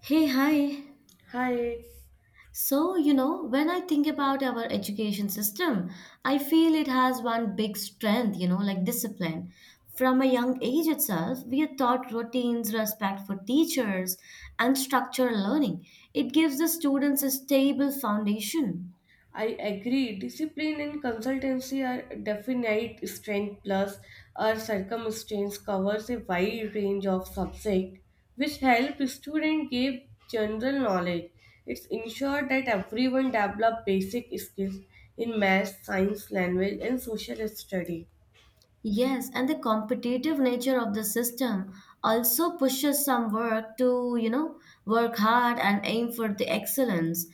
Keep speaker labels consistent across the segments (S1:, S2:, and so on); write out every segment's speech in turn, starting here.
S1: Hey, hi.
S2: Hi,
S1: So, you know, when I think about our education system, I feel it has one big strength, you know, like discipline. From a young age itself, we are taught routines, respect for teachers, and structured learning. It gives the students a stable foundation.
S2: I agree. Discipline and consultancy are definite strength plus our circumstance covers a wide range of subjects which help students gain general knowledge. It's ensure that everyone develop basic skills in math, science, language and social study.
S1: Yes, and the competitive nature of the system also pushes some work to, you know, work hard and aim for the excellence.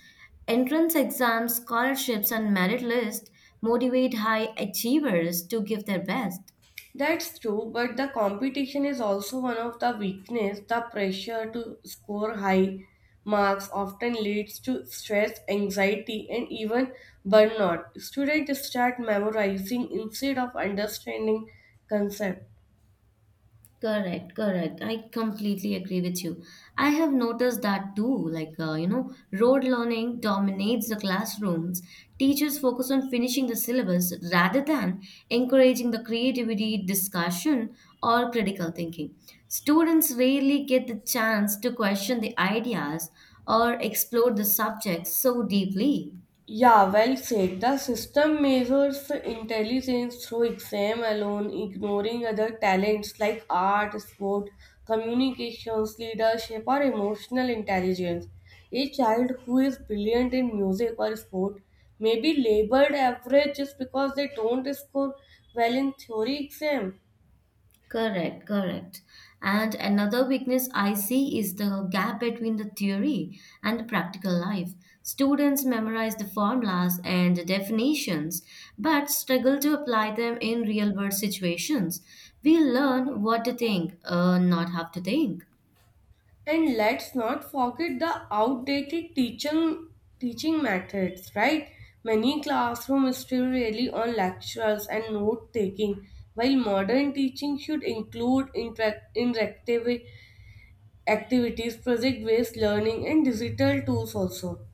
S1: Entrance exams, scholarships, and merit list motivate high achievers to give their best.
S2: That's true, but the competition is also one of the weakness. The pressure to score high marks often leads to stress, anxiety, and even burnout. Students start memorizing instead of understanding concepts.
S1: Correct, correct. I completely agree with you. I have noticed that too. Like, you know, rote learning dominates the classrooms. Teachers focus on finishing the syllabus rather than encouraging the creativity, discussion, or critical thinking. Students rarely get the chance to question the ideas or explore the subjects so deeply.
S2: Yeah, well said. The system measures intelligence through exam alone, ignoring other talents like art, sport, communications, leadership, or emotional intelligence. A child who is brilliant in music or sport may be labeled average just because they don't score well in theory exam.
S1: Correct, correct. And another weakness I see is the gap between the theory and the practical life. Students memorize the formulas and the definitions, but struggle to apply them in real world situations. We learn what to think, not how to think.
S2: And let's not forget the outdated teaching methods, right? Many classrooms still rely on lectures and note taking, while modern teaching should include interactive activities, project based learning, and digital tools also.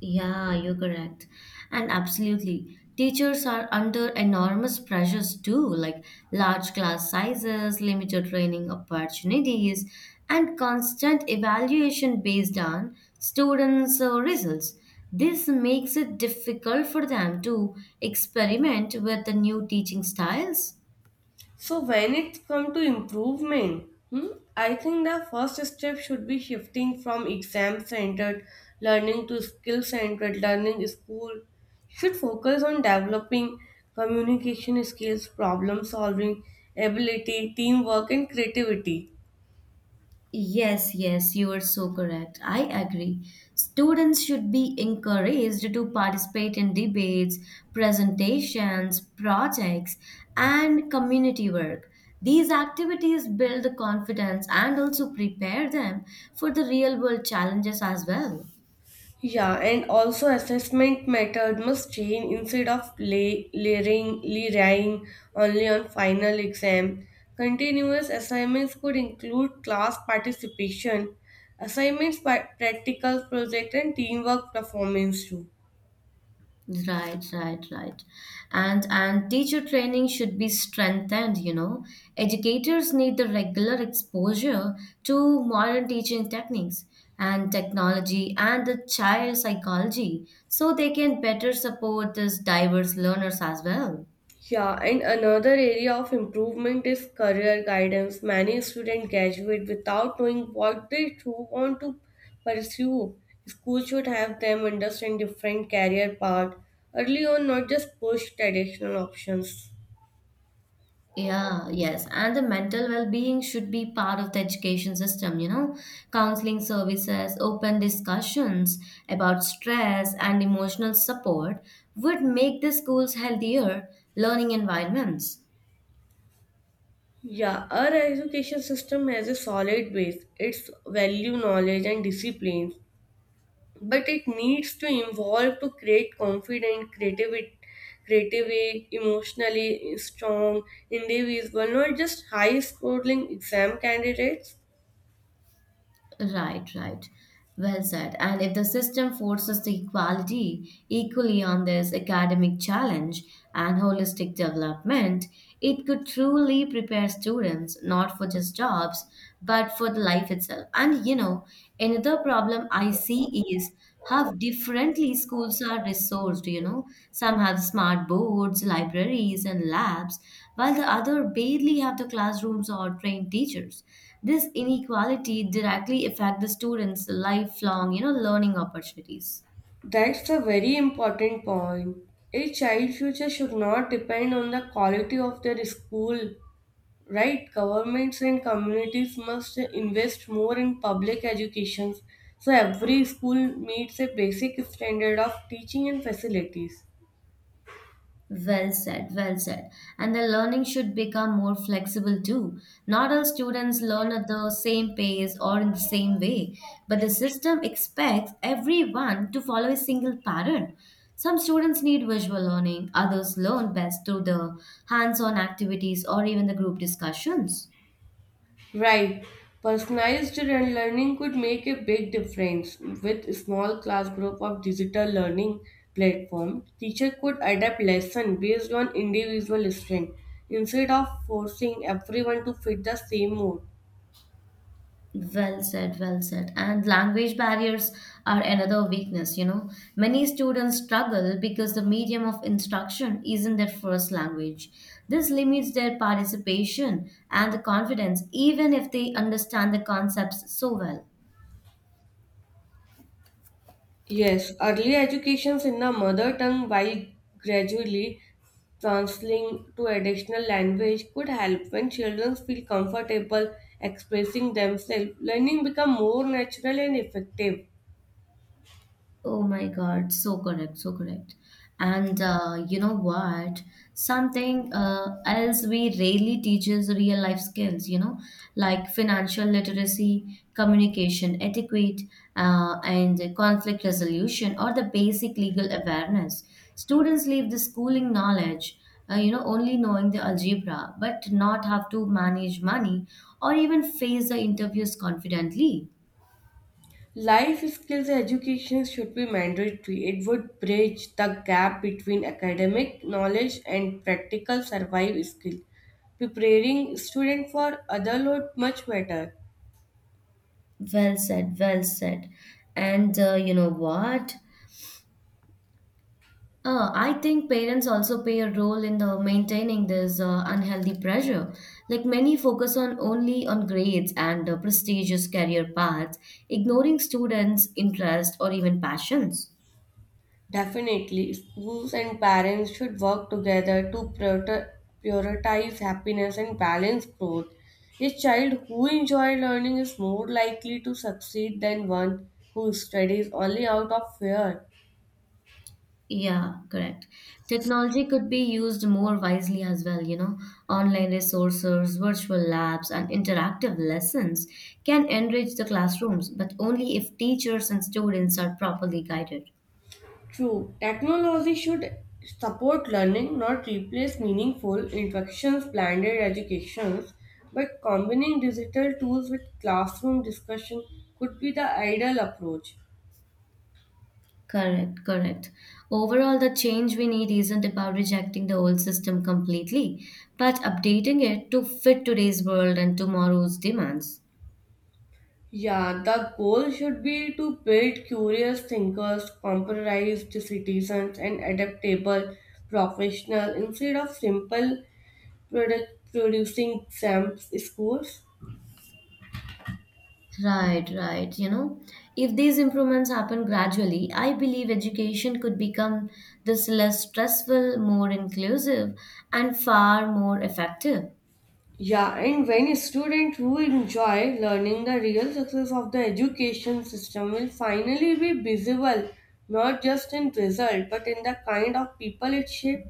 S1: Yeah, you're correct. And absolutely. Teachers are under enormous pressures too, like large class sizes, limited training opportunities, and constant evaluation based on students' results. This makes it difficult for them to experiment with the new teaching styles.
S2: So when it comes to improvement, hmm, I think the first step should be shifting from exam-centered learning to skill-centered learning. School should focus on developing communication skills, problem-solving ability, teamwork, and creativity.
S1: Yes, yes, you are so correct. I agree. Students should be encouraged to participate in debates, presentations, projects, and community work. These activities build the confidence and also prepare them for the real world challenges as well.
S2: Yeah, and also assessment method must change instead of layering only on final exam. Continuous assignments could include class participation, assignments, practical project, and teamwork performance too.
S1: Right, right, right. And teacher training should be strengthened, you know. Educators need the regular exposure to modern teaching techniques and technology and the child psychology so they can better support these diverse learners as well.
S2: Yeah, and another area of improvement is career guidance. Many students graduate without knowing what they truly want to pursue. School should have them understand different career paths early on, not just push traditional options.
S1: Yeah, yes. And the mental well-being should be part of the education system, you know, counseling services, open discussions about stress and emotional support would make the schools healthier learning environments.
S2: Yeah, our education system has a solid base. It's value, knowledge, and discipline, but it needs to evolve to create confident creative, creatively emotionally strong individual, not just high scoring exam candidates.
S1: Right, right. Well said. And if the system forces the equality equally on this academic challenge and holistic development, it could truly prepare students not for just jobs, but for the life itself. And you know, another problem I see is how differently schools are resourced, you know. Some have smart boards, libraries, and labs, while the other barely have the classrooms or trained teachers. This inequality directly affect the students' lifelong, you know, learning opportunities.
S2: That's a very important point. A child's future should not depend on the quality of their school, right? Governments and communities must invest more in public education so every school meets a basic standard of teaching and facilities.
S1: Well said, well said. And the learning should become more flexible too. Not all students learn at the same pace or in the same way, but the system expects everyone to follow a single pattern. Some students need visual learning, others learn best through the hands on activities or even the group discussions.
S2: Right. Personalized and learning could make a big difference. With small class group of digital learning platform, teacher could adapt lesson based on individual strength instead of forcing everyone to fit the same mold.
S1: Well said, well said. And language barriers are another weakness, you know. Many students struggle because the medium of instruction isn't their first language. This limits their participation and the confidence, even if they understand the concepts so well.
S2: Yes, early educations in the mother tongue while gradually translating to additional language could help when children feel comfortable expressing themselves. Learning become more natural and effective.
S1: Oh my God, so correct, so correct. And you know what? Something else we rarely teach is real life skills, you know, like financial literacy, communication etiquette, and conflict resolution, or the basic legal awareness. Students leave the schooling knowledge, you know, only knowing the algebra, but not have to manage money or even face the interviews confidently.
S2: Life skills education should be mandatory. It would bridge the gap between academic knowledge and practical survival skill. Preparing students for other load much better.
S1: Well said, well said. And you know what? I think parents also play a role in the maintaining this unhealthy pressure. Like many focus on only on grades and prestigious career paths, ignoring students' interest or even passions.
S2: Definitely, schools and parents should work together to prioritize happiness and balance growth. A child who enjoys learning is more likely to succeed than one who studies only out of fear.
S1: Yeah, correct. Technology could be used more wisely as well, you know. Online resources, virtual labs, and interactive lessons can enrich the classrooms, but only if teachers and students are properly guided.
S2: True, technology should support learning, not replace meaningful inflections, blended educations, but combining digital tools with classroom discussion could be the ideal approach.
S1: Correct, correct. Overall, the change we need isn't about rejecting the old system completely, but updating it to fit today's world and tomorrow's demands.
S2: Yeah, the goal should be to build curious thinkers, compromised citizens, and adaptable professionals instead of simple product producing exams scores.
S1: Right, right. You know, if these improvements happen gradually, I believe education could become this less stressful, more inclusive, and far more effective.
S2: Yeah, and when a student who enjoy learning the real success of the education system will finally be visible, not just in result, but in the kind of people it shapes.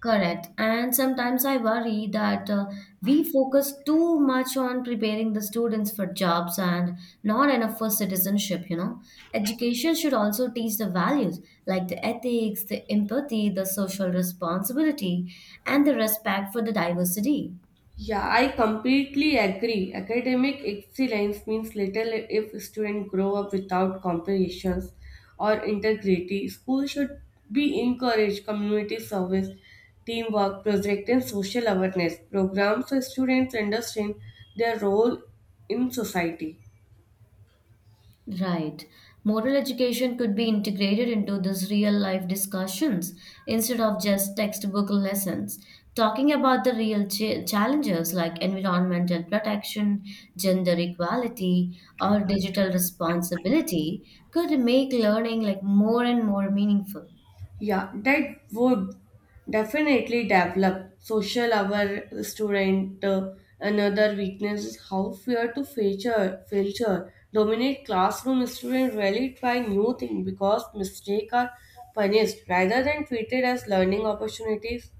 S1: Correct. And sometimes I worry that we focus too much on preparing the students for jobs and not enough for citizenship, you know. Education should also teach the values like the ethics, the empathy, the social responsibility, and the respect for the diversity.
S2: Yeah, I completely agree. Academic excellence means little if students grow up without comparisons or integrity. School should be encourage community service, teamwork, project and social awareness programs so students understand their role in society.
S1: Right. Moral education could be integrated into these real life discussions instead of just textbook lessons. Talking about the real challenges like environmental protection, gender equality, or digital responsibility could make learning like more and more meaningful.
S2: Yeah, that would definitely develop social our student. Another weakness is how fear to filter dominate classroom students really try new things because mistakes are punished rather than treated as learning opportunities.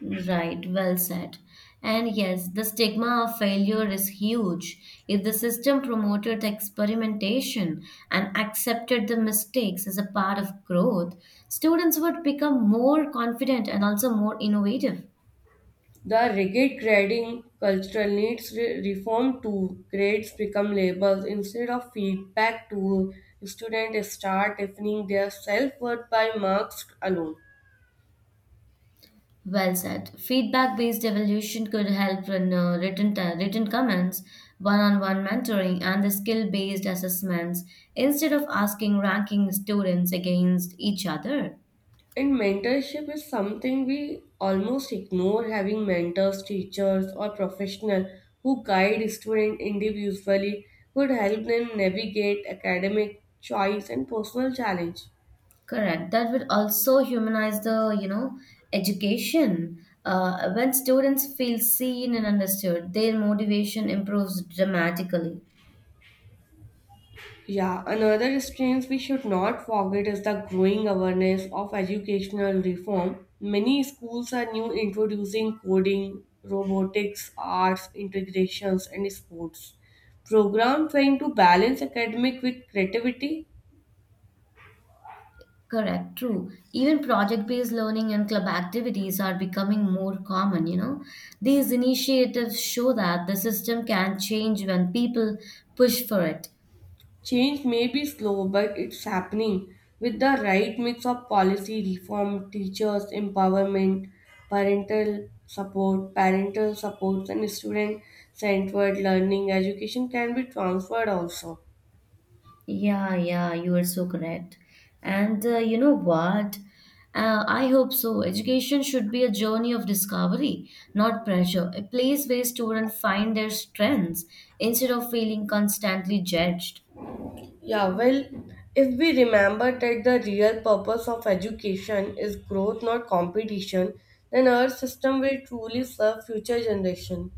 S1: Right, well said. And yes, the stigma of failure is huge. If the system promoted the experimentation and accepted the mistakes as a part of growth, students would become more confident and also more innovative.
S2: The rigid grading culture needs reform too. Grades become labels instead of feedback tool. Students start defining their self-worth by marks alone.
S1: Well said. Feedback-based evolution could help in written written comments, one-on-one mentoring, and the skill-based assessments instead of asking ranking students against each other.
S2: And mentorship is something we almost ignore having mentors, teachers, or professionals who guide students individually would help them navigate academic choice and personal challenge.
S1: Correct. That would also humanize the, you know, education. When students feel seen and understood, their motivation improves dramatically.
S2: Yeah, another strength we should not forget is the growing awareness of educational reform. Many schools are new introducing coding, robotics, arts, integrations, and sports. Program trying to balance academic with creativity.
S1: Correct, true. Even project-based learning and club activities are becoming more common, you know. These initiatives show that the system can change when people push for it.
S2: Change may be slow, but it's happening with the right mix of policy reform, teachers' empowerment, parental supports, and student centered learning. Education can be transferred also.
S1: Yeah, yeah, you are so correct. And you know what? I hope so. Education should be a journey of discovery, not pressure. A place where students find their strengths instead of feeling constantly judged.
S2: Yeah, well, if we remember that the real purpose of education is growth, not competition, then our system will truly serve future generation.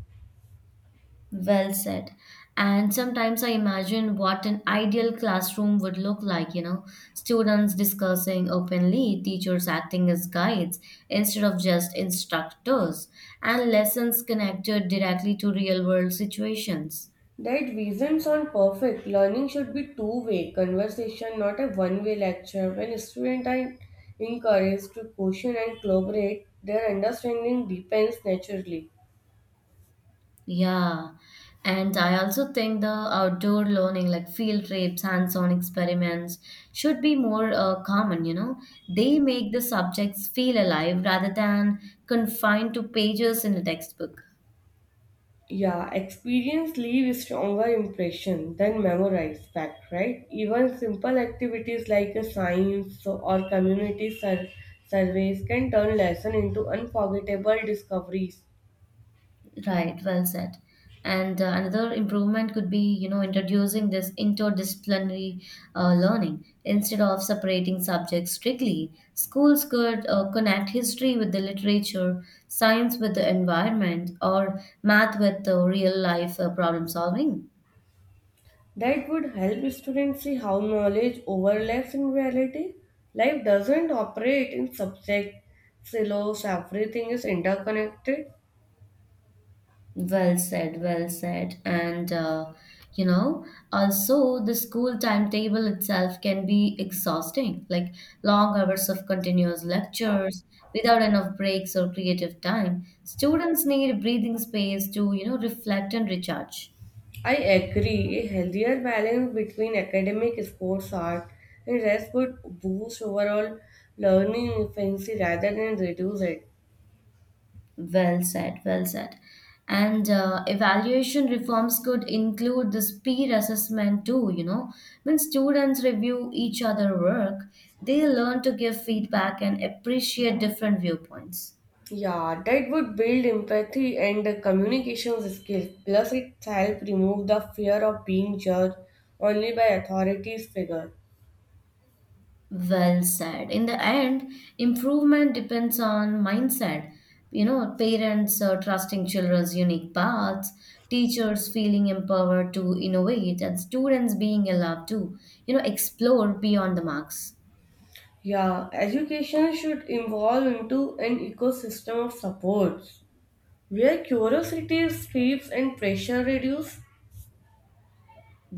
S1: Well said. And sometimes I imagine what an ideal classroom would look like, you know, students discussing openly, teachers acting as guides instead of just instructors, and lessons connected directly to real world situations.
S2: That visions on perfect learning should be two-way conversation, not a one-way lecture. When students are encouraged to question and collaborate, their understanding deepens naturally.
S1: Yeah. And I also think the outdoor learning, like field trips, hands on experiments, should be more common, you know. They make the subjects feel alive rather than confined to pages in a textbook.
S2: Yeah, experience leave stronger impression than memorized fact, right? Even simple activities like a science or community surveys can turn lesson into unforgettable discoveries.
S1: Right, well said. And another improvement could be, you know, introducing this interdisciplinary learning. Instead of separating subjects strictly, schools could connect history with the literature, science with the environment, or math with the real life problem solving.
S2: That would help students see how knowledge overlaps in reality. Life doesn't operate in subject silos, everything is interconnected.
S1: Well said, well said. And, you know, also the school timetable itself can be exhausting, like long hours of continuous lectures without enough breaks or creative time. Students need breathing space to, you know, reflect and recharge.
S2: I agree, a healthier balance between academic, sports, art, and rest would boost overall learning efficiency rather than reduce it.
S1: Well said, well said. And evaluation reforms could include this peer assessment too, you know. When students review each other work, they learn to give feedback and appreciate different viewpoints.
S2: Yeah, that would build empathy and the communication skills. Plus, it help remove the fear of being judged only by authorities' figure.
S1: Well said. In the end, improvement depends on mindset. You know, parents trusting children's unique paths, teachers feeling empowered to innovate, and students being allowed to, you know, explore beyond the marks.
S2: Yeah, education should evolve into an ecosystem of supports where curiosity is steeps and pressure reduce.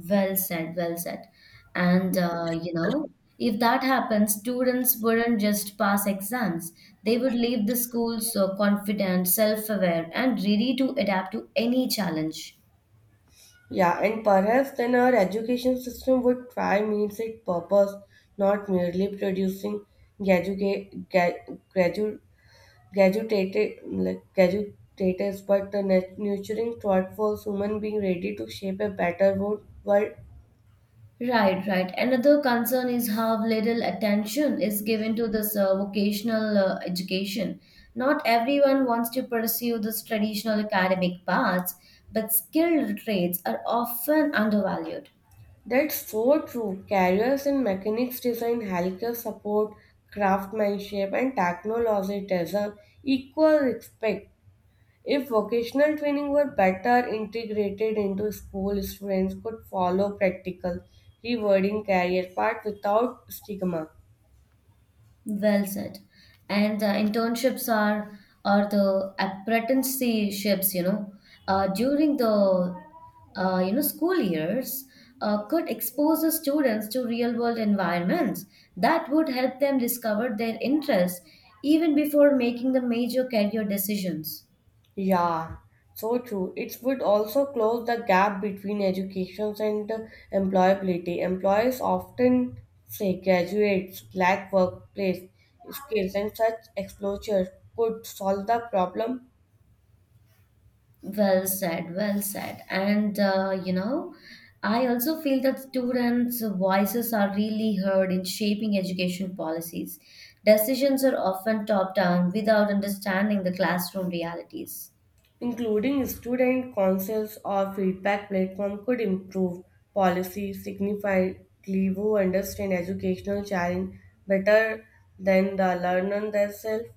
S1: Well said, well said. And you know, if that happens, students wouldn't just pass exams. They would leave the school so confident, self-aware, and ready to adapt to any challenge.
S2: Yeah, and perhaps then our education system would try means its purpose, not merely producing graduate, gradu, graduates, but the nurturing thoughtful human being ready to shape a better world.
S1: Right, right. Another concern is how little attention is given to this vocational education. Not everyone wants to pursue this traditional academic paths, but skilled trades are often undervalued.
S2: That's so true. Careers in mechanics design, healthcare support, craftsmanship, and technology deserve equal respect. If vocational training were better integrated into school, students could follow practical, rewarding career path without stigma.
S1: Well said. And the internships are the apprenticeships, you know, during the you know school years could expose the students to real world environments that would help them discover their interests even before making the major career decisions.
S2: Yeah, so true. It would also close the gap between education and employability. Employers often say graduates lack workplace skills, and such exposure could solve the problem.
S1: Well said, well said. And you know, I also feel that students' voices are really heard in shaping education policies. Decisions are often top down without understanding the classroom realities.
S2: Including student councils or feedback platform could improve policy significantly who understand educational challenge better than the learner themselves.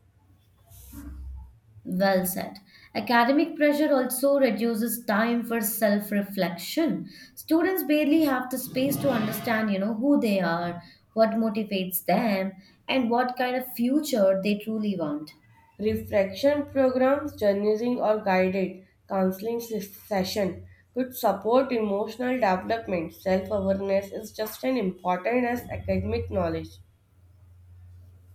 S1: Well said. Academic pressure also reduces time for self reflection. Students barely have the space to understand, you know, who they are, what motivates them, and what kind of future they truly want.
S2: Reflection programs, journaling, or guided counseling session could support emotional development. Self awareness is just as important as academic knowledge.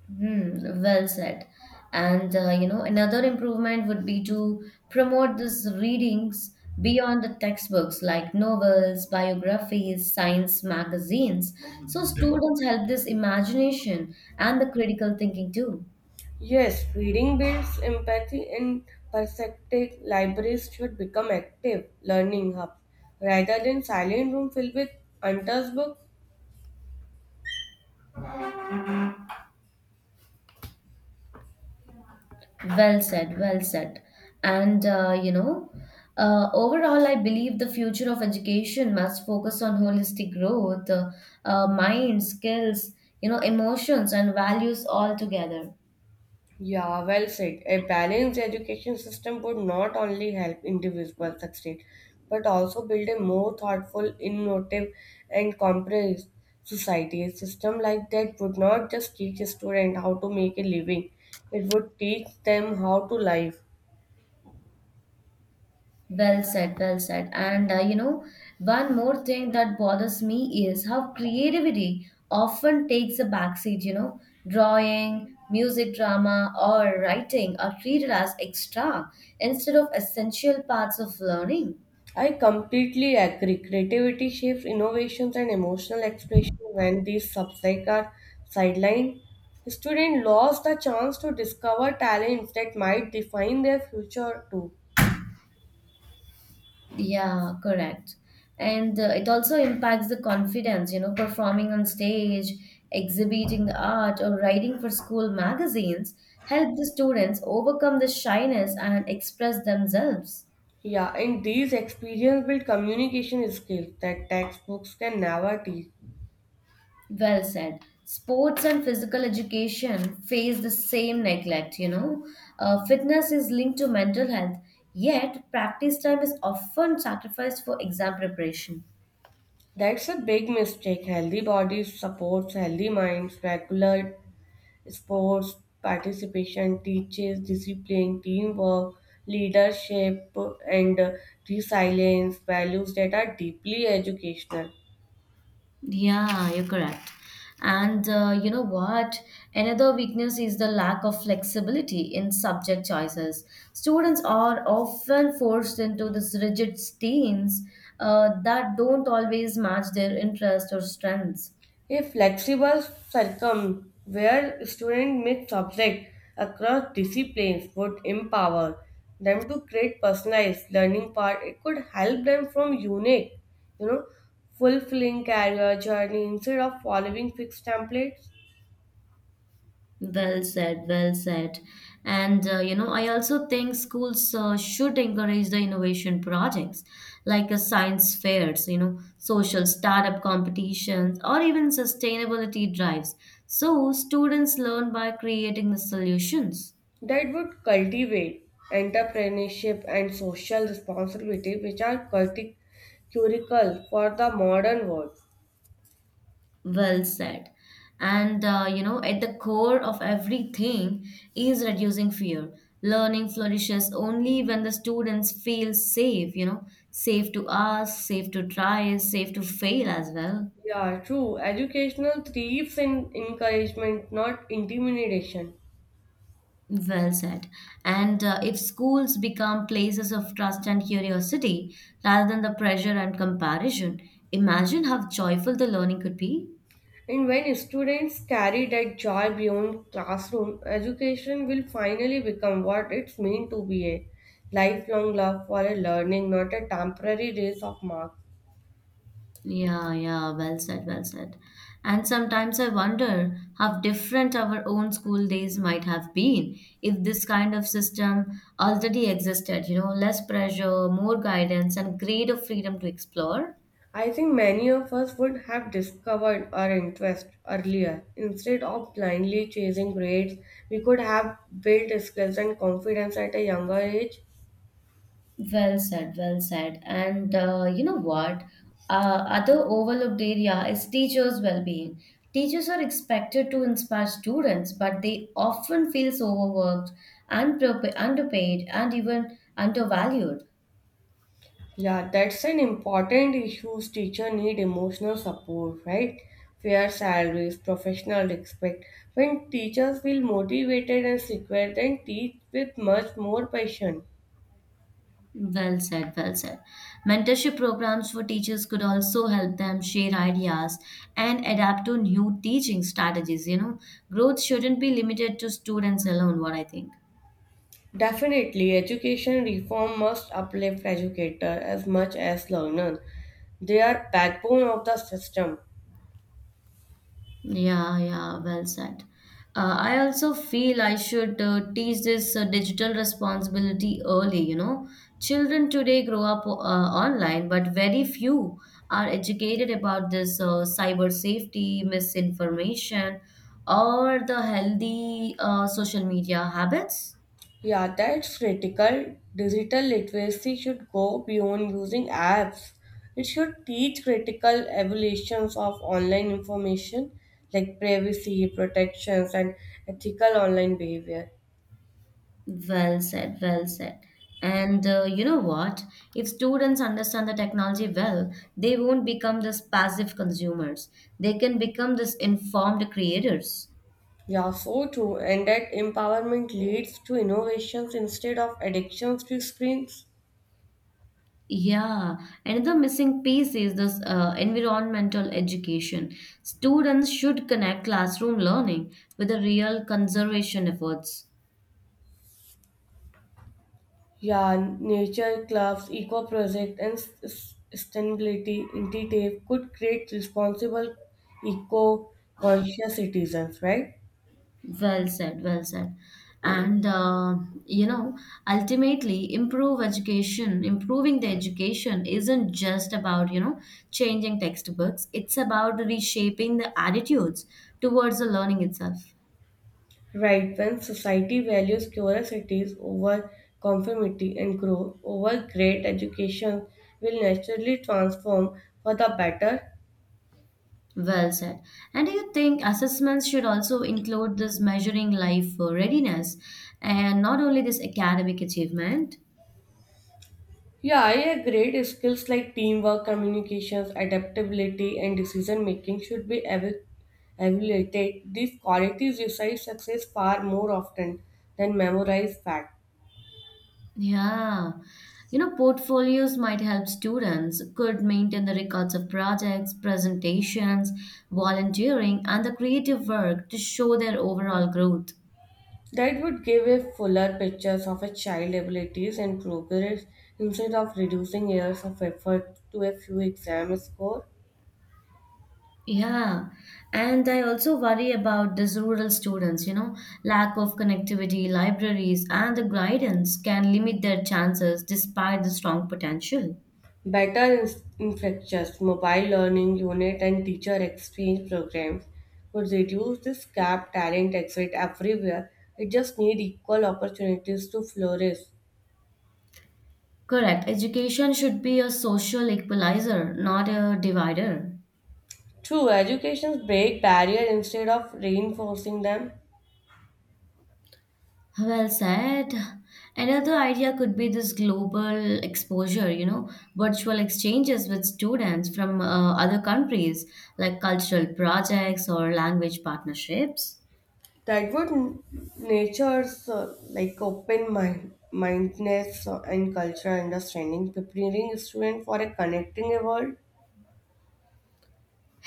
S1: Hmm, well said. And you know, another improvement would be to promote these readings beyond the textbooks like novels, biographies, science magazines. So students help this imagination and the critical thinking too.
S2: Yes, reading builds empathy and perspective. Libraries should become active learning hubs rather than silent room filled with untold books.
S1: Well said, well said. And you know, overall, I believe the future of education must focus on holistic growth, mind, skills, you know, emotions and values all together.
S2: Yeah, well said. A balanced education system would not only help individuals succeed, but also build a more thoughtful, innovative, and comprehensive society. A system like that would not just teach a student how to make a living, it would teach them how to live.
S1: Well said, well said. And you know, one more thing that bothers me is how creativity often takes a backseat, you know, drawing, music, drama, or writing are treated as extra instead of essential parts of learning.
S2: I completely agree. Creativity shapes innovations and emotional expression when these subjects are sidelined. Students lose the chance to discover talents that might define their future too.
S1: Yeah, correct. And it also impacts the confidence, you know, performing on stage, exhibiting the art, or writing for school magazines help the students overcome the shyness and express themselves.
S2: Yeah, and these experience build communication skills that textbooks can never teach.
S1: Well said. Sports and physical education face the same neglect, you know. Fitness is linked to mental health, yet, practice time is often sacrificed for exam preparation.
S2: That's a big mistake. Healthy bodies supports healthy minds. Regular sports participation teaches discipline, teamwork, leadership, and resilience, values that are deeply educational.
S1: Yeah, you're correct. And you know what? Another weakness is the lack of flexibility in subject choices. Students are often forced into these rigid streams that don't always match their interests or strengths.
S2: A flexible circum where students mix subjects across disciplines would empower them to create personalized learning path. It could help them from unique, you know, fulfilling career journey instead of following fixed templates.
S1: Well said, well said. I also think schools should encourage the innovation projects like science fairs, you know, social startup competitions, or even sustainability drives. So students learn by creating the solutions.
S2: That would cultivate entrepreneurship and social responsibility, which are critical for the modern world.
S1: Well said. And at the core of everything is reducing fear. Learning flourishes only when the students feel safe, you know, safe to ask, safe to try, safe to fail as well.
S2: Yeah, true. Educational thrives in encouragement, not intimidation.
S1: Well said. And if schools become places of trust and curiosity rather than the pressure and comparison, imagine how joyful the learning could be.
S2: And when students carry that joy beyond classroom, education will finally become what it's meant to be a lifelong love for a learning, not a temporary race of marks.
S1: Yeah, yeah, well said, well said. And sometimes I wonder how different our own school days might have been if this kind of system already existed, you know, less pressure, more guidance, and greater freedom to explore.
S2: I think many of us would have discovered our interest earlier. Instead of blindly chasing grades, we could have built skills and confidence at a younger age.
S1: Well said, well said. And you know what? Other overlooked area is teachers' well-being. Teachers are expected to inspire students, but they often feel overworked, underpaid, and even undervalued.
S2: Yeah, that's an important issue. Teachers need emotional support, right? Fair salaries, professional respect. When teachers feel motivated and secure, then teach with much more passion.
S1: Well said, well said. Mentorship programs for teachers could also help them share ideas and adapt to new teaching strategies. You know, growth shouldn't be limited to students alone, what I think.
S2: Definitely, education reform must uplift educators as much as learners. They are backbone of the system.
S1: Yeah, yeah, well said. I also feel I should teach this digital responsibility early, you know. Children today grow up online, but very few are educated about this cyber safety, misinformation, or the healthy social media habits.
S2: Yeah, that's critical. Digital literacy should go beyond using apps. It should teach critical evaluations of online information like privacy protections and ethical online behavior.
S1: Well said, well said. And you know what? If students understand the technology well, they won't become this passive consumers. They can become this informed creators.
S2: Yeah, so true. And that empowerment leads to innovations instead of addictions to screens.
S1: Yeah, another missing piece is this environmental education. Students should connect classroom learning with the real conservation efforts.
S2: Yeah, nature clubs, eco project, and sustainability initiative could create responsible, eco-conscious citizens, right?
S1: Well said, well said. And you know, ultimately, improving the education isn't just about, you know, changing textbooks. It's about reshaping the attitudes towards the learning itself.
S2: Right. When society values curiosities over conformity and growth over great education, will naturally transform for the better.
S1: Well said. And do you think assessments should also include this measuring life readiness and not only this academic achievement?
S2: Yeah, I agree. Skills like teamwork, communications, adaptability, and decision making should be evaluated. These qualities decide success far more often than memorized facts.
S1: Yeah. You know, portfolios might help students could maintain the records of projects, presentations, volunteering, and the creative work to show their overall growth.
S2: That would give a fuller picture of a child's abilities and progress instead of reducing years of effort to a few exam scores.
S1: Yeah. And I also worry about these rural students, you know, lack of connectivity, libraries, and the guidance can limit their chances despite the strong potential.
S2: Better infrastructures, mobile learning unit, and teacher exchange programs could reduce this gap. Talent exists everywhere. It just needs equal opportunities to flourish.
S1: Correct. Education should be a social equalizer, not a divider.
S2: True, educations break barriers instead of reinforcing them.
S1: Well said. Another idea could be this global exposure, you know, virtual exchanges with students from other countries, like cultural projects or language partnerships.
S2: That would nature's like open mindedness and cultural understanding, preparing students for a connecting world.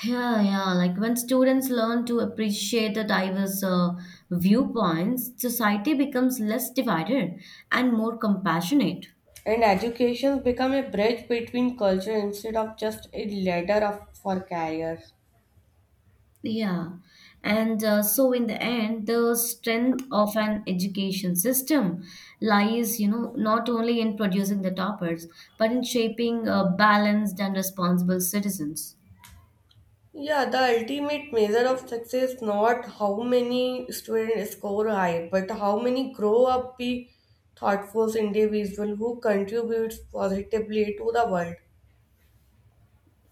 S1: Yeah, yeah, like when students learn to appreciate the diverse viewpoints, society becomes less divided and more compassionate.
S2: And education become a bridge between culture instead of just a ladder of, for careers.
S1: Yeah. And so in the end, the strength of an education system lies, you know, not only in producing the toppers, but in shaping balanced and responsible citizens.
S2: Yeah, the ultimate measure of success is not how many students score high, but how many grow up be thoughtful individuals who contributes positively to the world.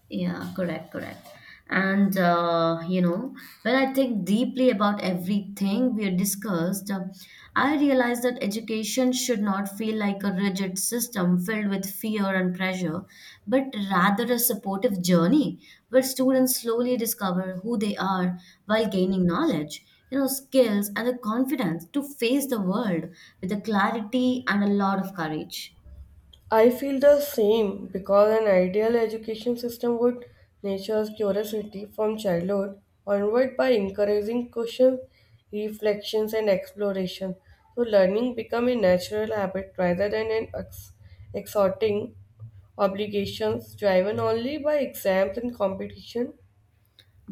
S1: Yeah, correct, correct. And when I think deeply about everything we discussed, I realize that education should not feel like a rigid system filled with fear and pressure, but rather a supportive journey where students slowly discover who they are while gaining knowledge, you know, skills and the confidence to face the world with a clarity and a lot of courage.
S2: I feel the same because an ideal education system would nurture curiosity from childhood onward by encouraging questions, reflections, and exploration. So, learning become a natural habit rather than an exhorting obligations driven only by exams and competition.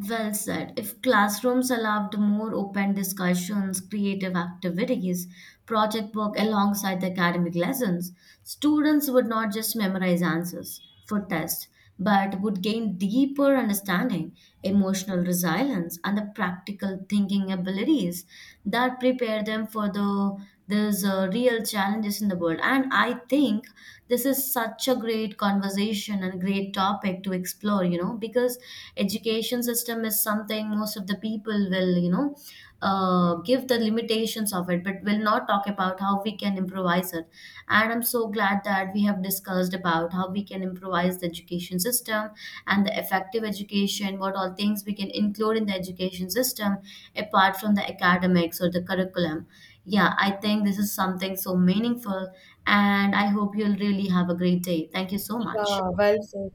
S1: Well said. If classrooms allowed more open discussions, creative activities, project work alongside the academic lessons, students would not just memorize answers for tests, but would gain deeper understanding, emotional resilience, and the practical thinking abilities that prepare them for the there's real challenges in the world. And I think this is such a great conversation and great topic to explore, you know, because education system is something most of the people will, give the limitations of it, but will not talk about how we can improvise it. And I'm so glad that we have discussed about how we can improvise the education system and the effective education, what all things we can include in the education system apart from the academics or the curriculum. Yeah, I think this is something so meaningful, and I hope you'll really have a great day. Thank you so much.
S2: Yeah, well said.